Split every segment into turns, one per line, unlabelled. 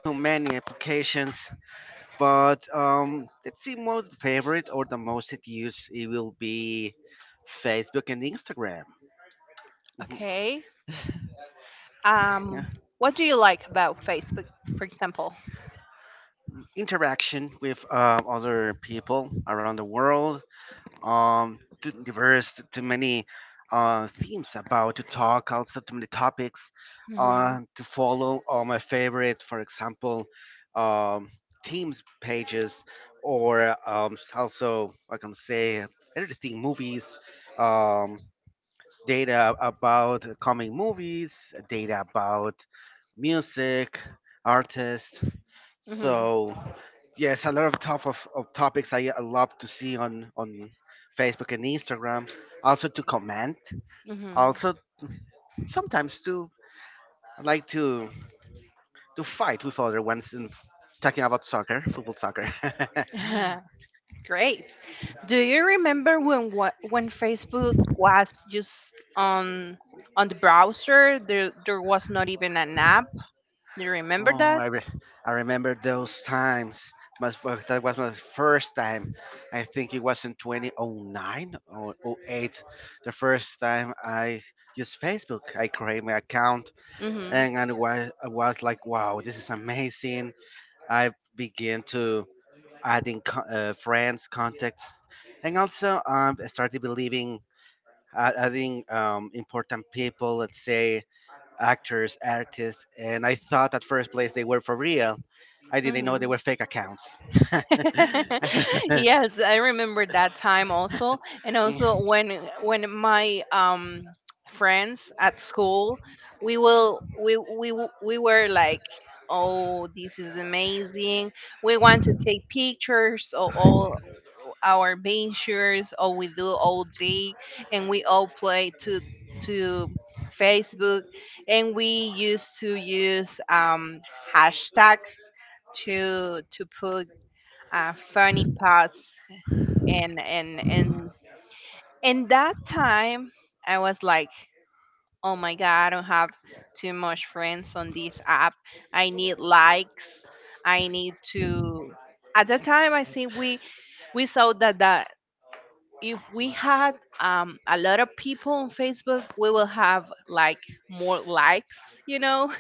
too many applications. But let's see, most favorite or the most it used, it will be Facebook and Instagram. Mhm.
Okay.
Yeah.
Um, what do you like about Facebook, for example?
Interaction with other people around the world, too diverse too many themes about to talk also too many topics
Hmm
to follow all my favorite, for example, um themes pages or also I can say everything movies um data about coming movies, data about music, artists. So yes, a lot of of topics I love to see on Facebook and Instagram. Also to comment.
hmm
Also sometimes to I like to fight with other ones in talking about soccer, football soccer.
Great. Do you remember when when Facebook was just on on the browser? There was not even an app. Do you remember
oh,
that?
I re- I remember those times. But that was my first time. I think it was in 2009 or oh 08. The first time I used Facebook. I created my account
Mm-hmm.
and was I was like, wow, this is amazing. I began to adding friends, contacts, and also I started believing adding important people, let's say actors, artists, and I thought at first place they were for real. I didn't know they were fake accounts. oh
yes, I remember that time also, and also when my friends at school, we will we w- we were like, oh, this is amazing. We want to take pictures of all our ventures, or we do all day, and we all play to to Facebook, and we used to use hashtags to put funny parts and in that time I was like, oh my god, I don't have too much friends on this app. I need likes. I need to, at that time I think we saw that that if we had a lot of people on Facebook we will have like more likes, you know.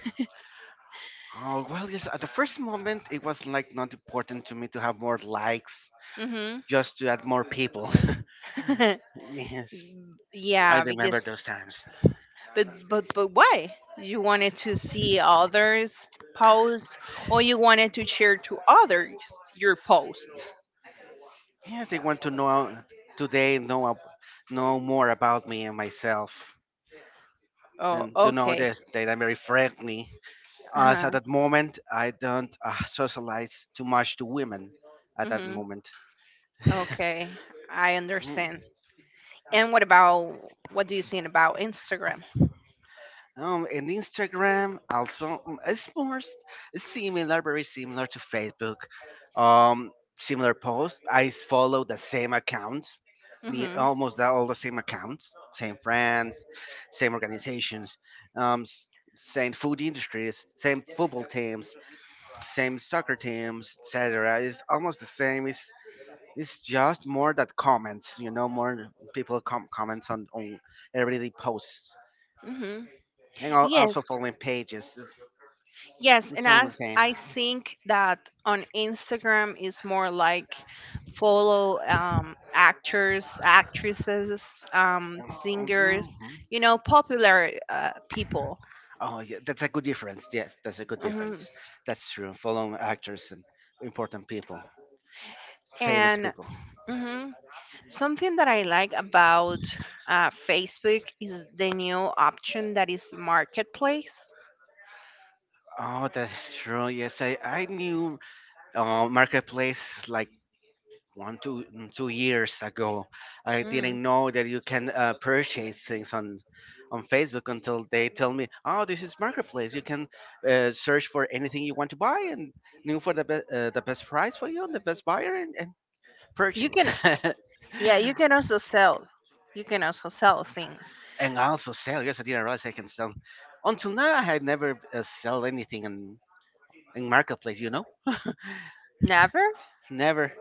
well, yes. At the first moment, it was like not important to me to have more likes,
hmm
just to add more people. Yes, I
yeah,
remember
because
those times.
but but why? You wanted to see others post, or you wanted to share to others your post?
Yes, they want to know today know ab- know more about me and myself,
Oh,
and to know
okay.
this that I'm very friendly. As
Uh-huh.
at that moment, I don't socialize too much to women. At that
hmm
moment,
Okay, I understand. And what about what do you think about Instagram?
and Instagram also it's similar, very similar to Facebook. Um, similar posts. I follow the same accounts,
Hmm
all the same accounts, same friends, same organizations, um, s- same food industries, same football teams, same soccer teams, etc. It's almost the same. It's just more that comments, you know, more people comments on everyday posts
hmm
and also
Yes,
following pages.
Yes, and
It's all the
as
same.
I think that on Instagram is more like follow actors, actresses, singers,
Mhm.
you know, popular people.
Oh, yeah, that's a good difference. Yes, that's a good
Hmm
difference. That's true. Following actors and important people, famous
And
people.
mhm. something that I like about Facebook is the new option that is marketplace.
Oh, that's true. Yes, I knew Marketplace like one, two, mm, 2 years ago. I
Mm.
didn't know that you can purchase things on Facebook until they tell me, oh, this is Marketplace. You can search for anything you want to buy and new for the best price for you and the best buyer. And
You
purchase.
can, yeah, you can also sell. You can also sell things.
And also sell. Yes, I didn't realize I can sell. Until now, I had never sell anything in marketplace. You know,
Never?
never.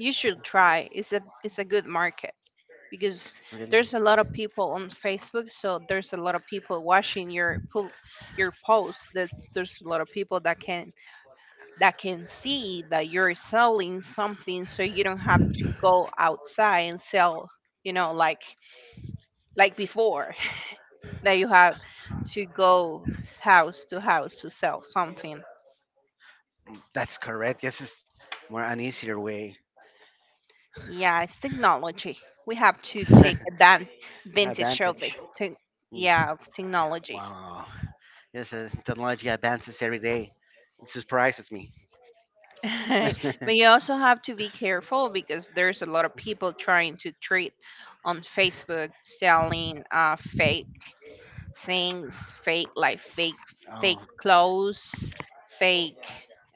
You should try. It's a good market, because
Really.
there's a lot of people on Facebook, so there's a lot of people watching your your post. That there's a lot of people that can see that you're selling something, so you don't have to go outside and sell. You know, like before that you have to go house to house to sell something.
That's correct. Yes, it's more an easier way.
Yeah, it's technology. We have to advantage of it.
Advantage.
Te-
Mm,
yeah, of
yeah.
technology.
Wow. Yes, technology advances every day. It surprises me.
but you also have to be careful because there's a lot of people trying to treat on Facebook selling fake things, fake like
Oh,
fake clothes, fake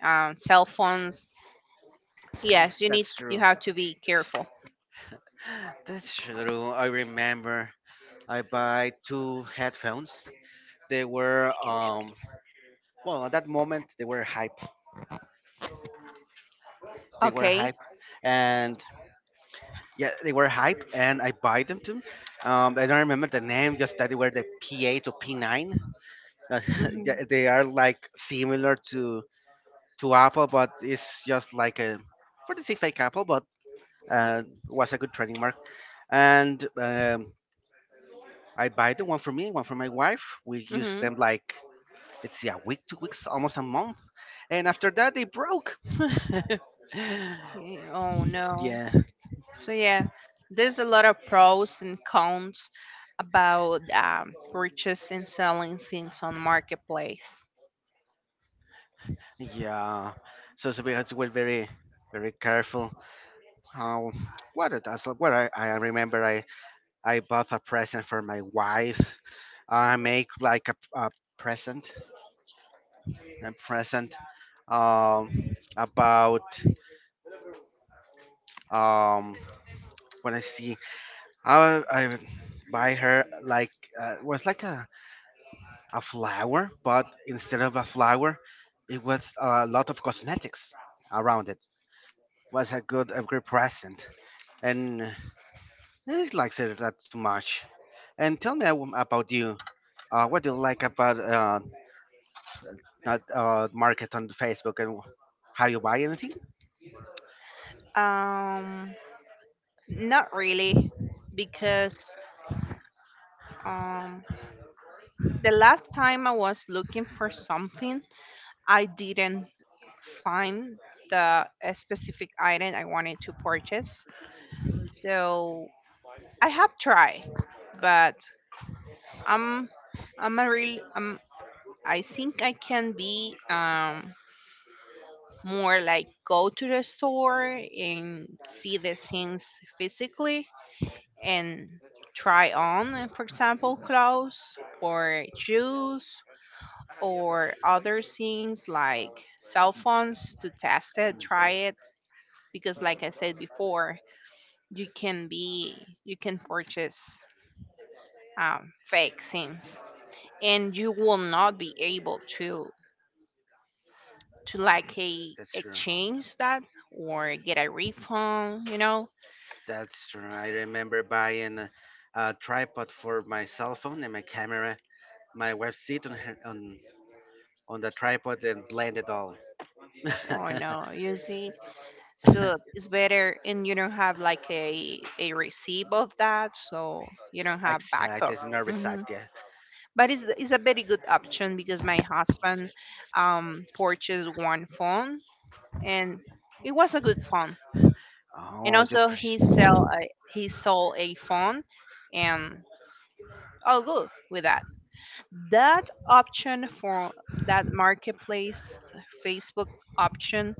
cell phones. Yes,
that's true.
you have to be careful.
That's true. I remember I buy two headphones. They were well, at that moment they were hype. They were
Okay.
hype, and yeah, they were hype, and I buy them too. I don't remember the name, just that they were the P8 or P9. Uh,
Mhm.
yeah, they are like similar to Apple, but it's just like a for the sake fake Apple, but uh, was a good trading mark. And I buy the one for me, one for my wife. We used
Mhm.
them like let's see, a week, 2 weeks, almost a month, and after that they broke.
Y- Oh no.
yeah.
So yeah, there's a lot of pros and cons about purchase and selling things on marketplace.
Yeah, so we had to be very, very careful. How what it does? What I remember, I bought a present for my wife. I make like present, a present, um, about um when I see I buy her like it was like a flower, but instead of a flower, it was a lot of cosmetics around it. Was a good a great present and. He likes it that too much. And tell me about you. What do you like about that market on Facebook and how you buy anything?
Um, Not really, because um, the last time I was looking for something, I didn't find the specific item I wanted to purchase. So I have tried, but I'm I'm a real I think I can be more like go to the store and see the things physically and try on, for example, clothes or shoes or other things like cell phones to test it, try
Mhm.
it. Because, like I said before, you can purchase fake things and you will not be able to
Um,
like a
that's true.
exchange that, or get a refund, you know.
That's true. I remember buying a tripod for my cell phone and my camera. My wife sit on on the tripod and blend it all.
Or no, you see. So it's better, and you don't have like a receipt of that, so you don't have
Exactly,
backup.
it's not recipe.
Hmm
Yeah.
But it's a very good option because my husband purchased one phone, and it was a good phone. And
Oh, you
also
pres-
he sold a phone, and all good with that. That option for that marketplace Facebook option,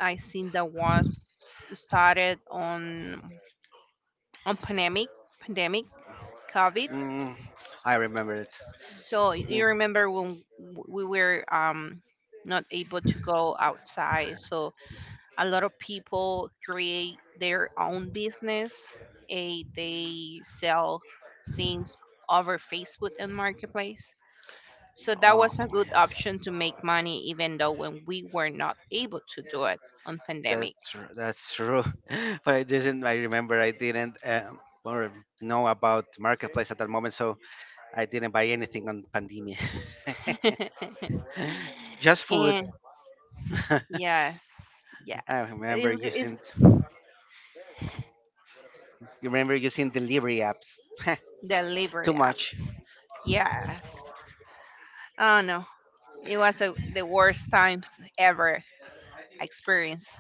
I think that was started on pandemic, pandemic COVID.
mm, I remember it.
So
Mhm.
you remember when we were not able to go outside, so a lot of people create their own business. Eh, they sell things over Facebook and marketplace, so that
Oh,
was a good
yes.
option to make money even though when we were not able to do it on pandemic.
That's that's true. But I didn't. I remember I didn't or know about marketplace at that moment, so I didn't buy anything on pandemia. Just food.
and yes,
I
yes,
remember
it's,
using. You remember using delivery apps.
delivery
Too much,
apps. Yes. Oh no, it was a, the worst times ever experienced.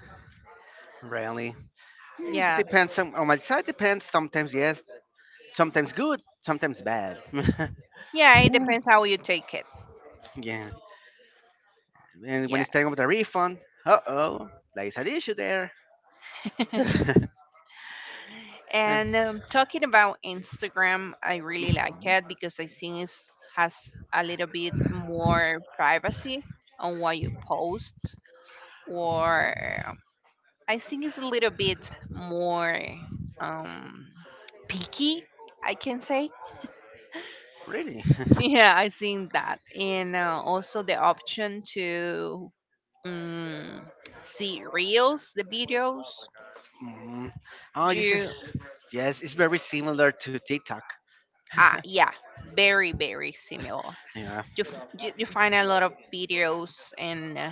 really. Hmm,
Yes.
depends on my side. Depends sometimes yes, sometimes good, sometimes bad.
Yeah, it depends how you take it.
Yeah. And when
Yeah.
it's time of the refund, uh oh, there is an issue there. And
And talking about Instagram, I really like it because I think it has a little bit more privacy on what you post,
mhm.
or I think it's a little bit more um, picky, I can say.
Really?
Yeah, I seen that, and also the option to um, see reels, the videos.
hmm oh, this
You
is yes. It's very similar to TikTok.
ah yeah, very very similar.
Yeah.
You, you find a lot of videos and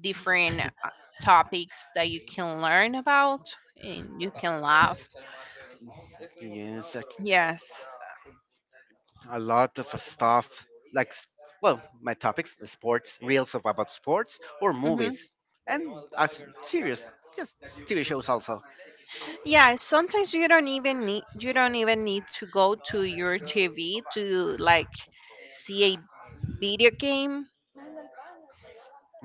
different topics that you can learn about, and you can laugh.
Yes, like
Yes.
a lot of stuff like s- well, my topics: sports, reels of about sports or
Mm-hmm.
movies, and as serious, just TV shows also.
Yeah, sometimes you don't even need to go to your TV to like see a video game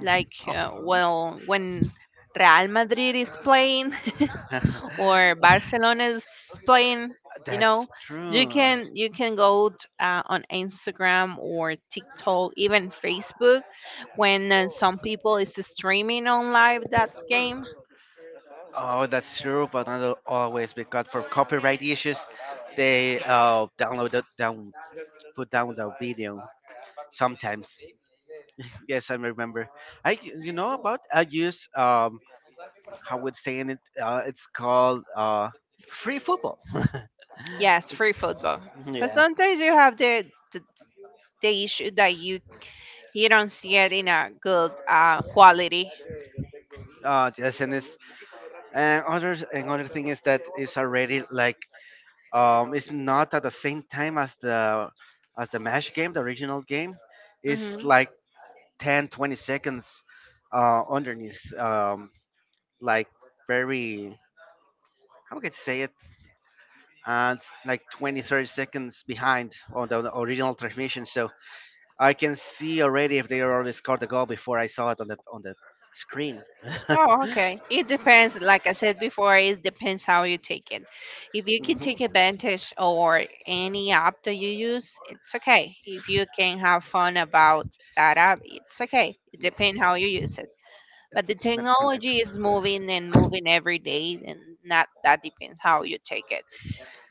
like well when Real Madrid is playing or
Oh.
Barcelona is playing, you
That's
know, you
true.
can on Instagram or TikTok, even Facebook, when some people is streaming on live that game.
Oh, that's true, but not always because for copyright issues, they download the, down put down the video sometimes. Yes, I remember. I you know about I use how would say in it it's called free football.
Yes, free football. But
Yeah.
sometimes you have the the, the issue that you don't see it in a good quality.
Yes, and it's and others another thing is that it's already like it's not at the same time as the match game, the original game. It's like ten, 20 seconds underneath like very how can I say it, it's like 20, 30 seconds behind on the original transmission, so I can see already if they already scored the goal before I saw it on the screen.
Oh, okay. It depends. Like I said before, it depends how you take it. If you can take
hmm
advantage or any app that you use, it's okay. If you can have fun about that app, it's okay. It depends how you use it. But the
that's correct.
technology is moving and moving every day, and not that depends how you take it.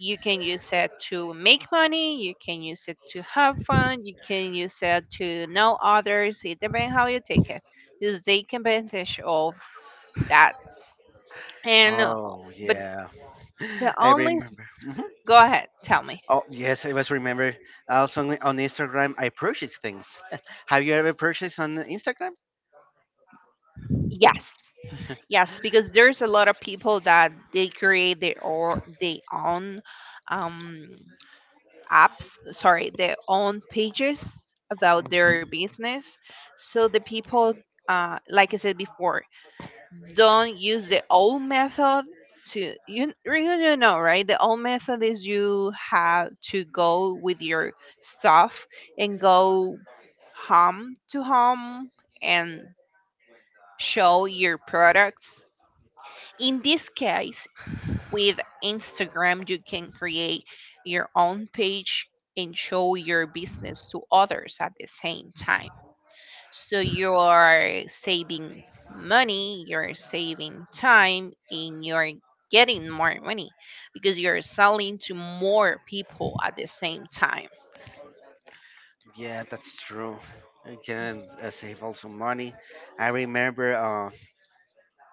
You can use it to make money. You can use it to have fun. You can use it to know others. It depends how you take it. Just take advantage of that, and
Oh
but
yeah.
the
I
only s-
remember hmm
go ahead, tell me.
oh yes, I was remember also on Instagram I purchase things. Have you ever purchased on Instagram?
Yes, yes because there's a lot of people that they create their own um apps sorry their own pages about their
Mm-hmm.
business, so the people, like I said before, don't use the old method to, you know, right, the old method is you have to go with your stuff and go home to home and show your products. In this case, with Instagram you can create your own page and show your business to others at the same time, so you're saving money, you're saving time, and you're getting more money because you're selling to more people at the same time.
Yeah, that's true. You can save also money. I remember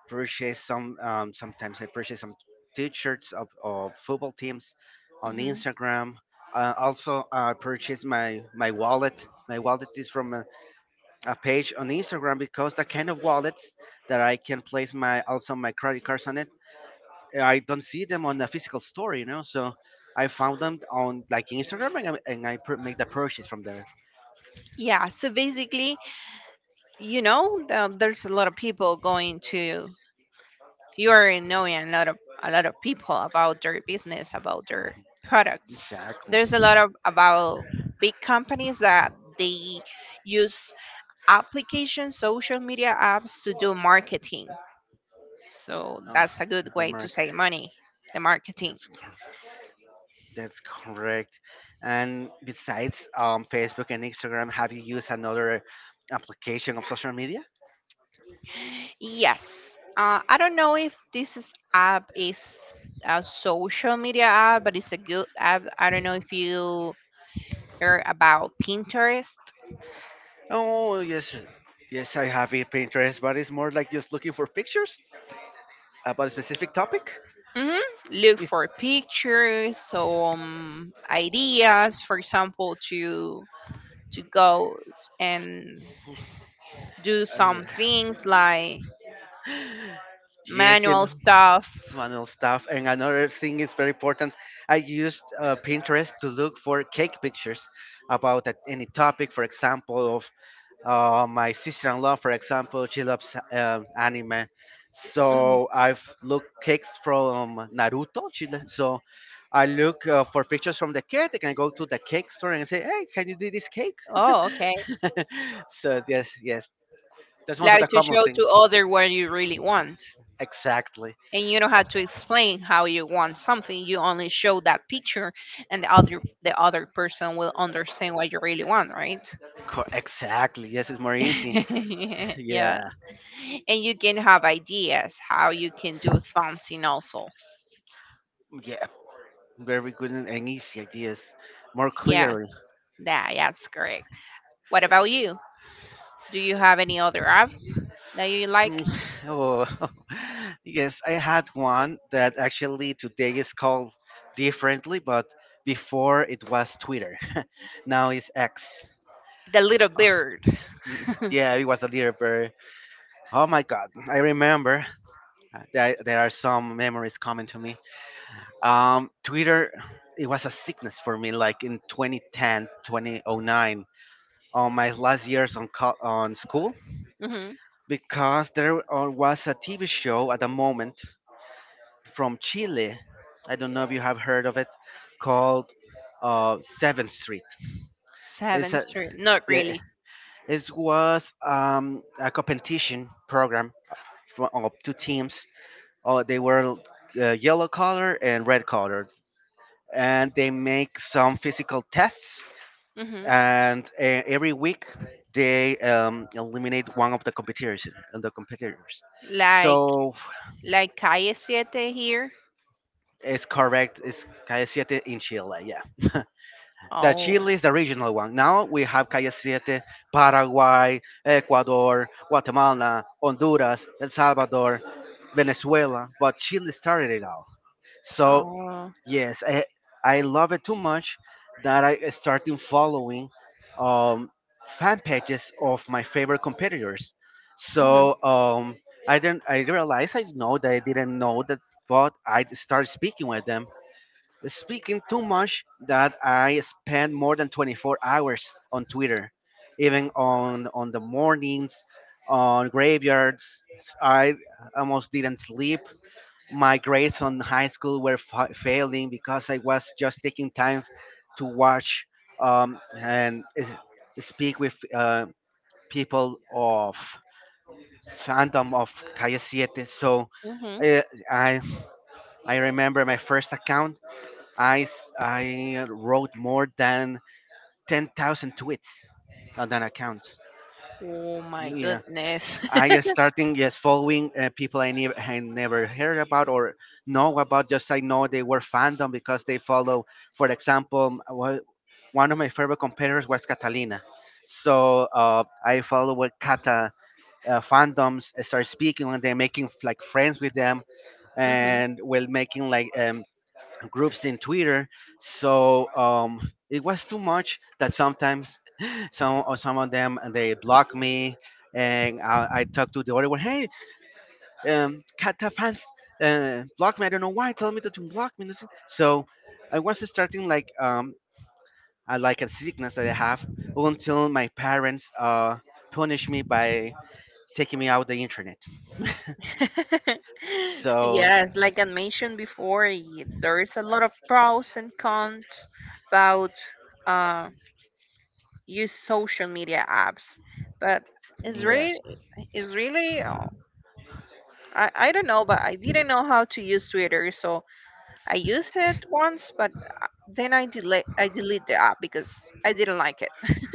purchase some sometimes I purchase some t-shirts of football teams on
Hmm
Instagram. Also, I purchase my wallet. My wallet is from a page on Instagram because the kind of wallets that I can place my also my credit cards on it. I don't see them on the physical store, you know. So I found them on like Instagram and I make the purchase from there.
Yeah, so basically, you know, there's a lot of people going to, you're knowing a lot of people about their business, about their products.
Exactly.
There's a lot of about big companies that they use applications, social media apps to do marketing. So
Oh,
that's a good
the
way to
Merc.
save money, the marketing.
That's that's correct. And besides Facebook and Instagram, have you used another application of social media?
Yes. I don't know if this is app is a social media app, but it's a good app. I don't know if you heard about Pinterest.
Oh yes, yes, I have a Pinterest, but it's more like just looking for pictures about a specific topic.
Hmm Look
It's,
for pictures, some ideas, for example, to go and do some
yeah.
things like
Yes, and
manual stuff.
manual stuff. And another thing is very important. I used Pinterest to look for cake pictures about any topic, for example. My sister-in-law, for example, she loves anime, so
Mhm.
I've looked cakes from Naruto. So I look for pictures from the cake. I can go to the cake store and say, "Hey, can you do this cake?"
Oh, okay.
So yes, yes, that's one of the
Like to
common
show
things.
to other what you really want.
Exactly,
And you don't have to explain how you want something. You only show that picture and the other person will understand what you really want, right?
Exactly. Yes, it's more easy.
yeah.
Yeah,
And you can have ideas how you can do something also.
yeah, very good and easy ideas, more
Yeah,
clearly.
that that's correct. What about you? Do you have any other app that you like?
Mm, oh, yes, I had one that actually today is called differently, but before it was Twitter. Now it's X.
The little bird.
Mm, yeah, it was a little bit. Oh my God, I remember. There are some memories coming to me. Twitter, it was a sickness for me, like in 2010, 2009, on my last years on on school,
Mhm.
because there was a TV show at the moment from Chile. I don't know if you have heard of it, called Seventh Street. It's
Seventh
a,
Street. Not
yeah,
really.
it was a competition program from of two teams. They were yellow color and red colored, and they make some physical tests.
Hmm
And every week they eliminate one of the competitors. And the competitors.
Like
So
Calle Siete here.
it's correct. It's Calle Siete in Chile. Yeah. That
Oh.
Chile is the regional one. Now we have Calle Siete, Paraguay, Ecuador, Guatemala, Honduras, El Salvador, Venezuela, but Chile started it all. So,
Oh.
yes, I love it too much that I started following um, fan pages of my favorite competitors.
hmm
So, I didn't, I realized I know that I didn't know that, but I started speaking with them speaking too much that I spend more than 24 hours on Twitter, even on the mornings, on graveyards. I almost didn't sleep. My grades on high school were failing because I was just taking time to watch and speak with people of fandom of Calle Siete. So
hmm
uh, I I remember my first account. I wrote more than 10,000 tweets on that account.
Oh my
Yeah,
goodness.
I just starting just following people I never heard about or know about. Just I know they were fandom because they follow. For example, one of my favorite competitors was Catalina, so I follow what Kata fandoms. I start speaking and they're making like friends with them,
Mhm.
and while making like groups in Twitter. So it was too much that sometimes some or some of them they block me, and I talk to the other one. Hey, Kata fans, block me. I don't know why. Tell me that you block me. So I was starting like I like a sickness that I have until my parents punish me by taking me out the internet. So
Yes, like I mentioned before, there is a lot of pros and cons about uh, use social media apps, but it's really,
yes.
it's really, uh, I don't know, but I didn't know how to use Twitter, so I used it once, but then I delete the app because I didn't like it.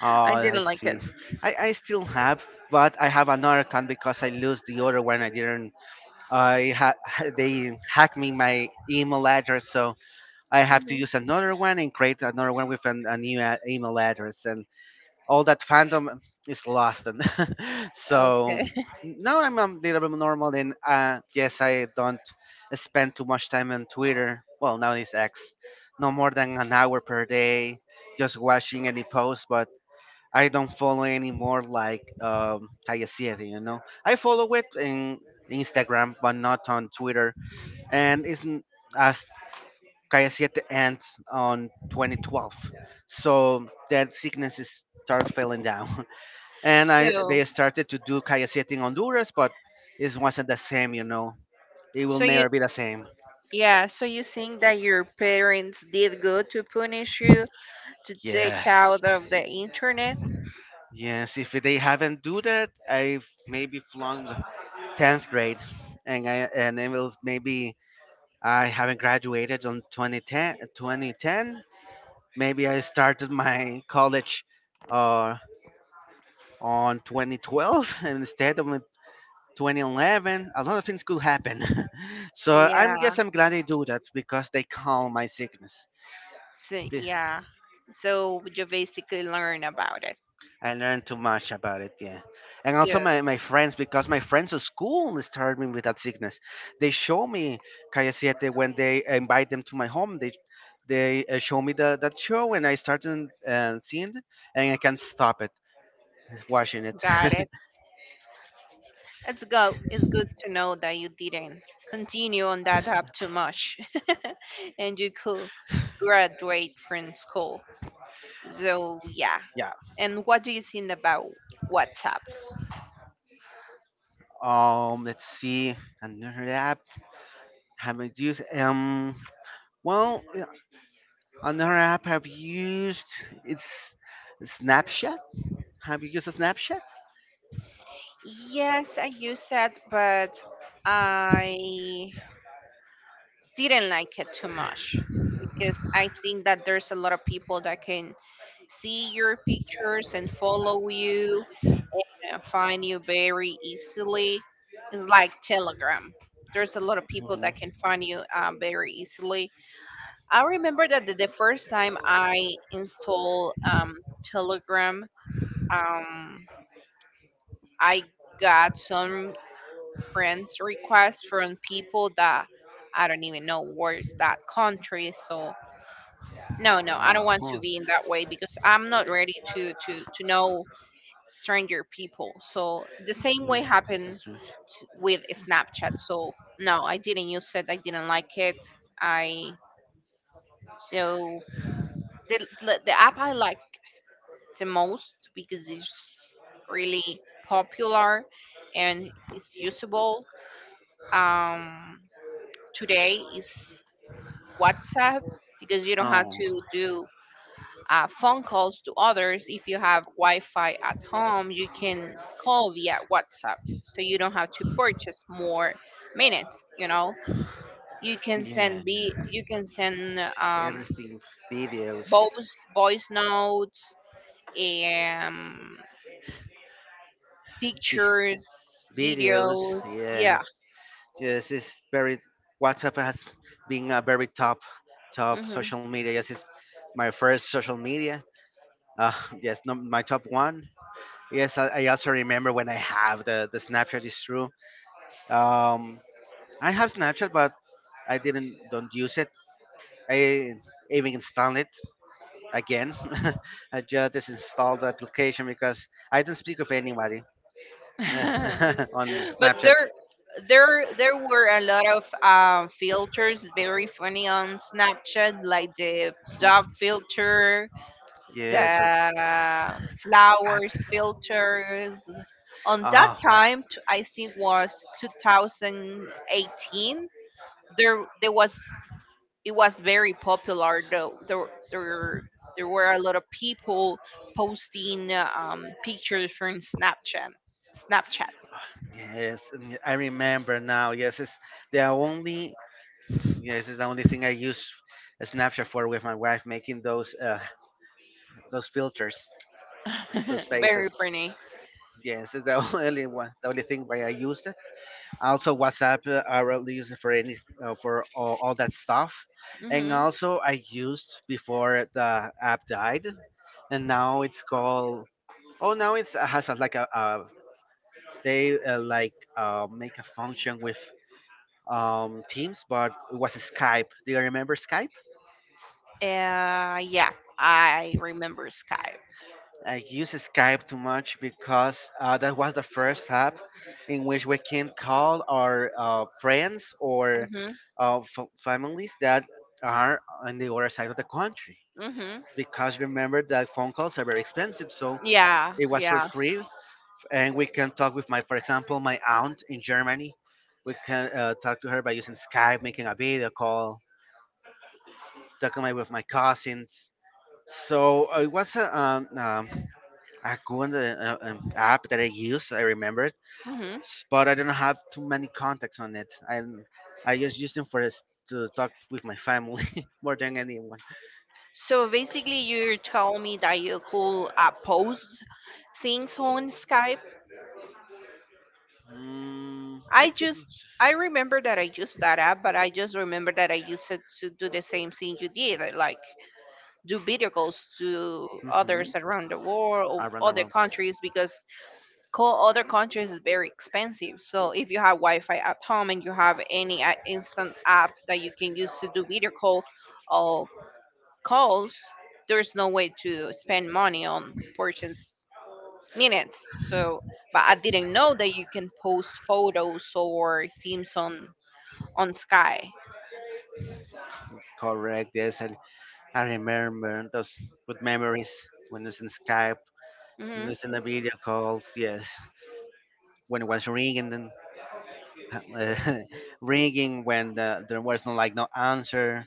Oh,
I
I
didn't like
see.
it.
I still have, but I have another account because I lose the other one. I didn't. I ha- they hacked me my email address, so I have to
Mhm.
use another one and create another one with a new email address, and all that fandom is lost. And so
Okay.
now I'm a little bit normal, and yes, I don't spend too much time on Twitter. Well, now it's X, no more than an hour per day, just watching any post, but I don't follow anymore like Hayasiete. I follow it in Instagram but not on Twitter, and it's not as Hayasiete ends on 2012. So that sickness is start falling down. And I
So
they started to do Hayasiete in Honduras, but it wasn't the same. It will
so you
never be the same.
yeah, so you think that your parents did good to punish you to take
Yes.
out of the internet?
Yes, if they haven't do that, I've maybe flung 10th grade and it will maybe I haven't graduated on 2010, 2010. Maybe I started my college uh, on 2012 instead of in 2011. A lot of things could happen. so I'm
Yeah.
yes, I'm glad they do that because they calm my sickness.
So yeah. So you basically learn about it.
I learned too much about it, yeah. And also
Good.
my friends, because my friends at school started me with that sickness. They show me Calle Siete when they invite them to my home. They show me that show and I started seeing it and I can't stop it, watching it.
Got it. It's good to know that you didn't continue on that app too much and you could graduate from school. So yeah.
yeah.
And what do you think about WhatsApp?
Let's see. Another app have I used? Well, yeah, another app I've used. It's Snapchat. Have you used a Snapchat?
Yes, I used that, but I didn't like it too much because I think that there's a lot of people that can see your pictures and follow you and find you very easily. It's like Telegram. There's a lot of people that can
Mhm.
find you very easily. I remember that the first time I installed Telegram, um, I got some friends requests from people that I don't even know where's that country. So no, no, I don't
Ah,
want to
huh.
be in that way because I'm not ready to know stranger people. So the same
Mm,
way happened
that's true.
with Snapchat. So no, I didn't use it. I didn't like it. I so the app I like the most, because it's really popular and it's usable Um, today, is WhatsApp, because you don't have
Oh,
to do phone calls to others. If you have Wi Fi at home, you can call via WhatsApp. So you don't have to purchase more minutes. You know, you can
yeah,
send be you can send
everything, videos,
both voice notes and
vi-
pictures,
videos.
videos. Yeah.
Yes, yes, it's very. WhatsApp has been a very top, top
hmm
social media. Yes, it's my first social media. Uh, yes, no, my top one. Yes, I also remember when I have the Snapchat is true. Um, I have Snapchat, but I didn't don't use it. I even installed it again. I just disinstalled the application because I don't speak with anybody on
But
Snapchat.
there, there, there were a lot of filters, very funny on Snapchat, like the dog
Mhm.
filter,
Yes, or-
the flowers
at-
filters. On that
oh,
time, I think was 2018. There, there was it was very popular. Though there, there, there were a lot of people posting pictures from Snapchat. Snapchat,
yes, and I remember now. Yes, it's the only. Yes, it's the only thing I use Snapchat for with my wife, making those filters, those
very
faces.
funny.
Yes, it's the only one, the only thing why I use also WhatsApp. I really use it for any for all that stuff, and
Mhm.
also I used before the app died, and now it's called, oh, now it has a they like make a function with Teams, but it was Skype. Do you remember Skype?
Yeah, I remember Skype.
I use Skype too much because that was the first app in which we can call our friends or
Mhm.
families that are on the other side of the country.
Mhm.
Because remember that phone calls are very expensive, so
Yeah,
it was
yeah.
for free, and we can talk with my, for example, my aunt in Germany. We can talk to her by using Skype, making a video call, talking with my cousins. So it was a good app that I use. I remember it,
Mhm.
but I don't have too many contacts on it. I just use them for this, to talk with my family more than anyone.
So basically, you tell me that you could post things on Skype.
Mm,
I just I remember that I used that app, but I just remember that I used it to do the same thing you did, like do video calls to
mm-hmm.
others around the world
Around
or
the
other
room,
countries because other countries is very expensive. So if you have Wi-Fi at home and you have any instant app that you can use to do video call or calls, there's no way to spend money on purchase minutes. So, but I didn't know that you can post photos or themes on Sky.
correct. Yes, I remember those good memories when it's in Skype, when
hmm
it's in the video calls. Yes, when it was ringing, then uh, ringing when there was no like no answer.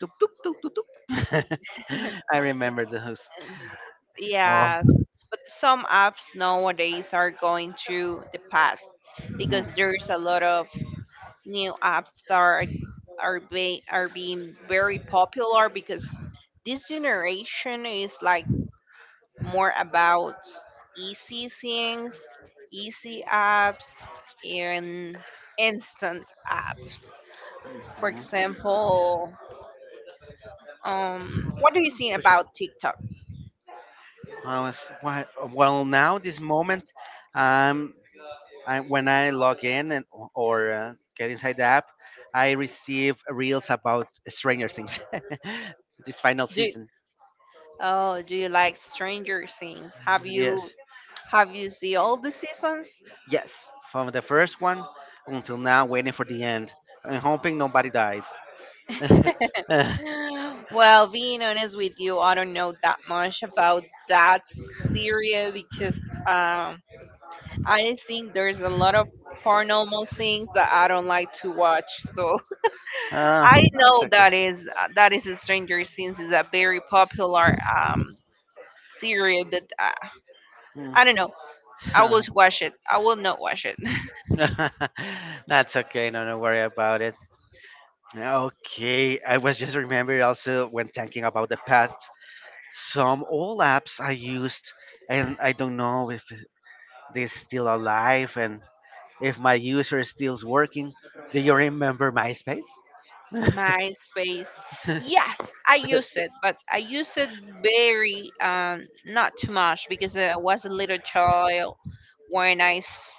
Toop, toop, toop, toop, toop. I remember those. Oh.
yeah, but some apps nowadays are going to the past because
Mhm.
there's a lot of new apps that are are being very popular because this generation is like more about easy things, easy apps, and instant apps. For example, what do you think
Which is-
about TikTok?
I was why- well now this moment, um, I, when I log in and or get inside the app, I receive reels about Stranger Things, this final
Do
season.
oh, do you like Stranger Things?
Yes,
Have you see all the seasons?
yes, from the first one until now, waiting for the end and hoping nobody dies. uh,
Well, being honest with you, I don't know that much about that area because I think there's a lot of paranormal things that I don't like to watch. So I
that's,
know that is Stranger Things is a very popular series, but
mm.
I don't know. I will watch it. I will not watch it.
That's okay. No, don't worry about it. Okay, I was just remembering also when thinking about the past, some old apps I used, and I don't know if they're still alive and if my user is still working. Do you remember MySpace?
MySpace. Yes, I used it, but I used it very not too much because I was a little child when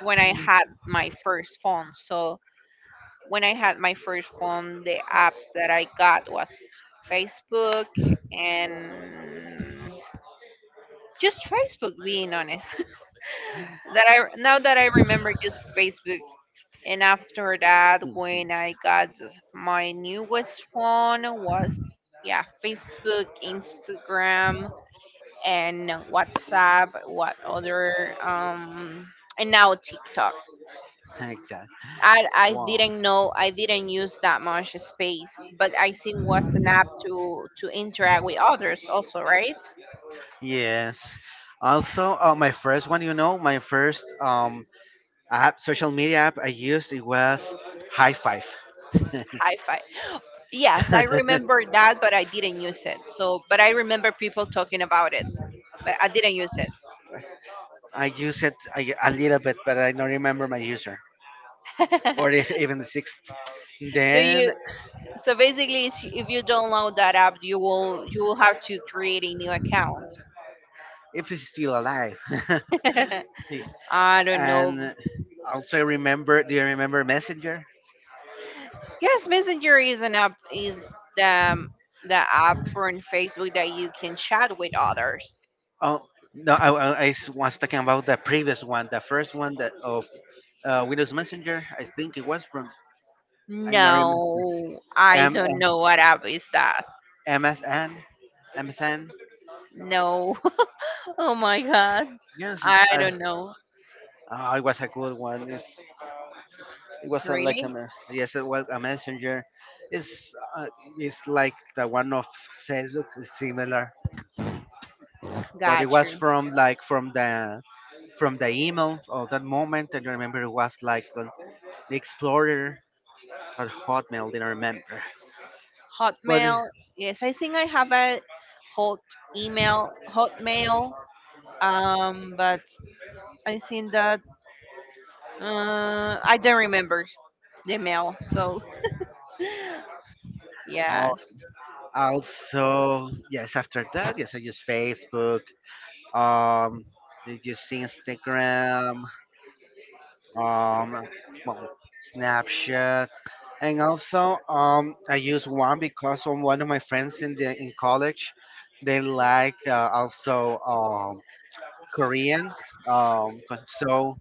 when I had my first phone. So when I had my first phone, the apps that I got was Facebook and just Facebook. Being honest, that I now that I remember, just Facebook. And after that, when I got my newest phone was yeah, Facebook, Instagram, and WhatsApp. What other and now TikTok.
exactly.
I I
Wow.
didn't know I didn't use that much space, but I see was an app to interact with others also, right?
Yes. Also, my first one, my first app, social media app I used, it was High Five.
Hi fi. Yes, I remember that, but I didn't use it. So, but I remember people talking about it, but I didn't use it.
I use it a little bit, but I don't remember my user, or if even the sixth,
so
then
you So basically, if you download that app, you will have to create a new account.
if he's still alive.
I don't know.
And also remember, do you remember Messenger?
Yes, Messenger is an app is the app from Facebook that you can chat with others.
Oh no, I was talking about the previous one, the first one that of Windows Messenger. I think it was from, I don't remember.
No, I
M
don't know what app is that.
MSN MSN.
No. oh my god.
Yes, it's,
I don't know.
oh, it was a good one. It was a, like a
Really?
me- yes, it was a messenger. It's uh, it's like the one of Facebook, it's similar, but it
Got
was
you.
from like from the email of that moment, and I remember it was like on Explorer or Hotmail, didn't remember, but
Hotmail. Yes, I think I have a hot email hotmail. But I seen that. I don't remember the mail. So
al-
yes.
also, yes, after that, yes, I use Facebook, um I use Instagram, um well, Snapchat, and also I use one because of one of my friends in the in college. They like also Koreans. So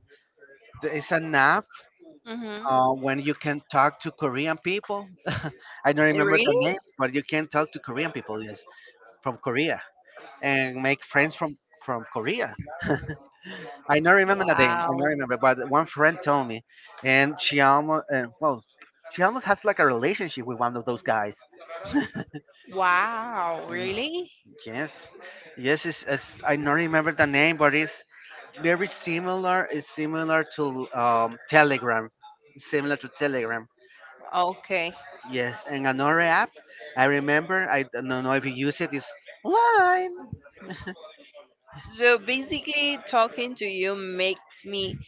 there is an app
Mhm.
when you can talk to Korean people. I don't
Eh,
remember
really?
the name, but you can talk to Korean people, yes, from Korea, and make friends from Korea. I don't remember the name. I don't
Wow.
remember, but one friend told me, and she almost, well, she almost has like a relationship with one of those guys.
Wow.
Ye-
Really?
Yes, yes, I don't remember the name, but it's very similar, is similar to Telegram, similar to Telegram.
Okay.
Yes, and another app I remember. I don't know if you use it. Is Line.
So basically, talking to you makes me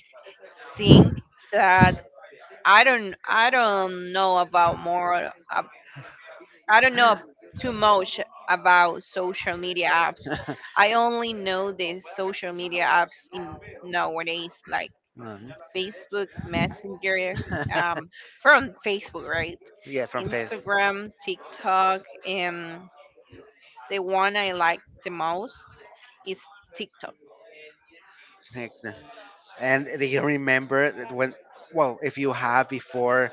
think that I don't know about more. I don't know too much about social media apps. I only know the social media apps in nowadays, like
Mhm.
Facebook Messenger, um, from Facebook, right?
yeah, from Facebook.
Instagram, TikTok, and the one I like the most is TikTok.
And do you remember that when? Well, if you have before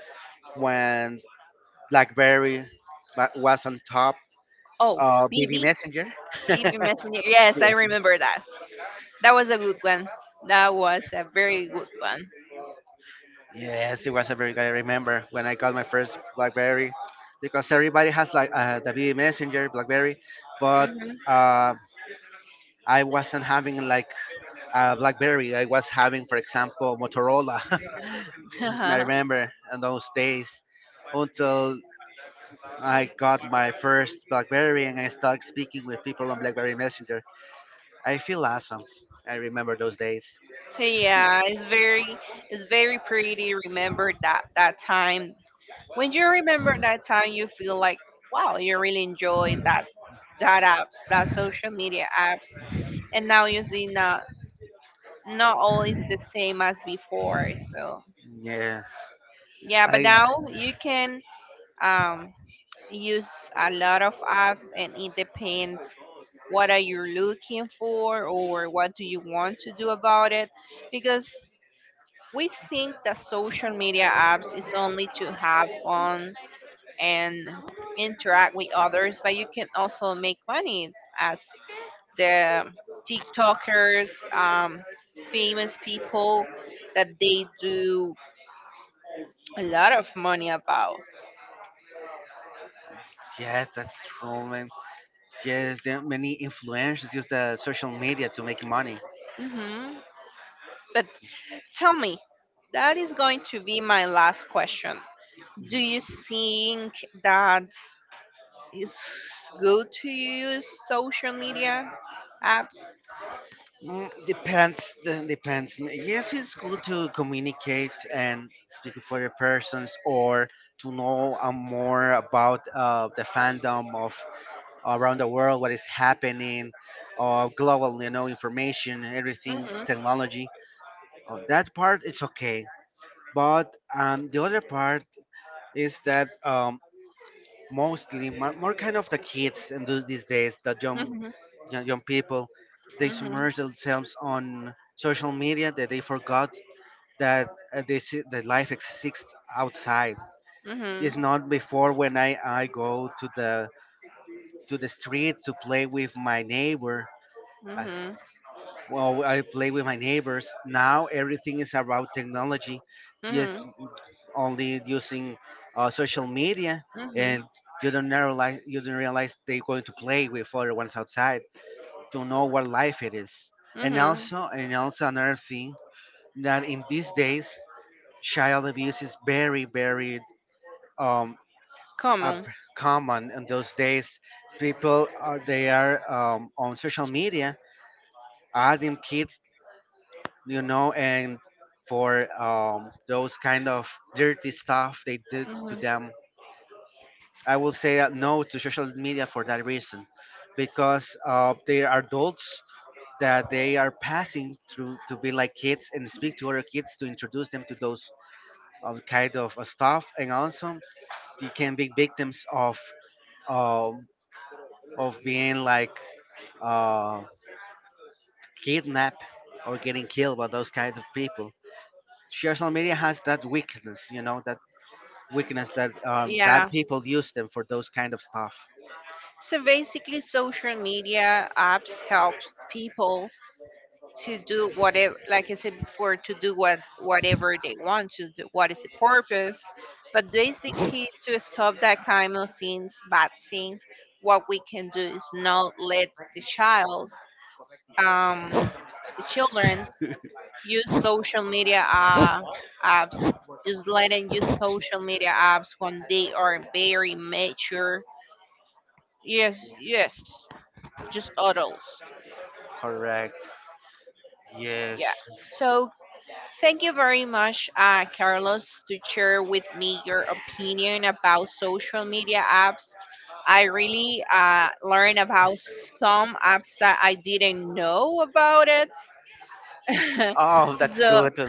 when BlackBerry was on top,
Oh,
BB
BB,
Messenger.
BB Messenger. Yes, I remember that. That was a good one. That was a very good one.
Yes, it was a very good. I remember when I got my first BlackBerry, because everybody has like the BB Messenger BlackBerry, but
Mhm.
uh, I wasn't having like BlackBerry. I was having, for example, Motorola. I remember in those days until I got my first BlackBerry and I started speaking with people on BlackBerry Messenger. I feel awesome. I remember those days.
yeah, it's very pretty. Remember that that time. When you remember that time, you feel like, wow, you really enjoyed that that apps, that social media apps, and now you see not not all is the same as before. So
Yes.
yeah, but
I
now you can um, use a lot of apps, and it depends what are you looking for or what do you want to do about it, because we think that social media apps is only to have fun and interact with others, but you can also make money as the TikTokers, famous people that they do a lot of money about.
Yes, that's true, man. Yes, there are many influencers use the social media to make money.
hmm But tell me, that is going to be my last question. Do you think that it's good to use social media apps?
Mm, depends. Then Depends. Mm, yes, it's good to communicate and speak with other persons, or to know more about the fandom of around the world, what is happening, global, information, everything,
Mhm,
technology. That part it's okay, but the other part is that mostly more kind of the kids and those these days, the
mhm,
young people they
mhm,
submerge themselves on social media that they forgot that the life exists outside.
mhm,
It's not before when I go to the street to play with my neighbor. uh,
mhm,
well, I play with my neighbors now. Everything is about technology, just
mhm,
only using social media,
mhm,
and you don't realize they're going to play with other ones outside to know what life it is. And
mhm.
also, and also another thing that in these days, child abuse is very, very um,
Come
uh,
on.
common. In those days, people are they are on social media adding kids, and for those kind of dirty stuff they did to
Mhm.
them. I will say that no to social media for that reason, because they are adults that they are passing through to be like kids and speak to other kids to introduce them to those kind of stuff, and also they can be victims um, of being like uh, kidnapped or getting killed by those kinds of people. Social media has that weakness, that weakness that bad
Yeah.
people use them for those kind of stuff.
So basically, social media apps helps people to do whatever, like I said before, to do whatever they want to do. What is the purpose? But basically, to stop that kind of things, bad things, what we can do is not let the child's, um, the childrens use social media apps. Just let them use social media apps when they are very mature. Yes, yes just adults.
Correct. Yes.
Yeah. So thank you very much, Carlos, to share with me your opinion about social media apps. I really learned about some apps that I didn't know about it.
Oh, that's
so,
good. to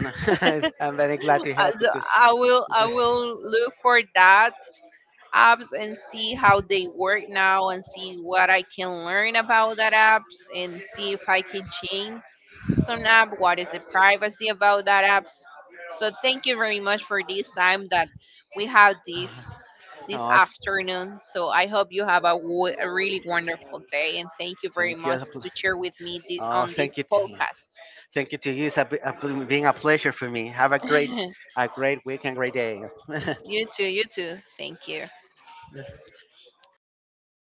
I'm very glad
so
to help you too.
I will look for that apps and see how they work now and see what I can learn about that apps and see if I can change some app, what is the privacy about that apps. So thank you very much for this time that we have this this
oh, it's
afternoon. So I hope you have a, a really wonderful day and thank you very
thank you.
much to share with me
Oh,
on this
thank you.
podcast.
Thank you to you. It's been a pleasure for me. Have a great week and great day.
you too, you too. Thank you.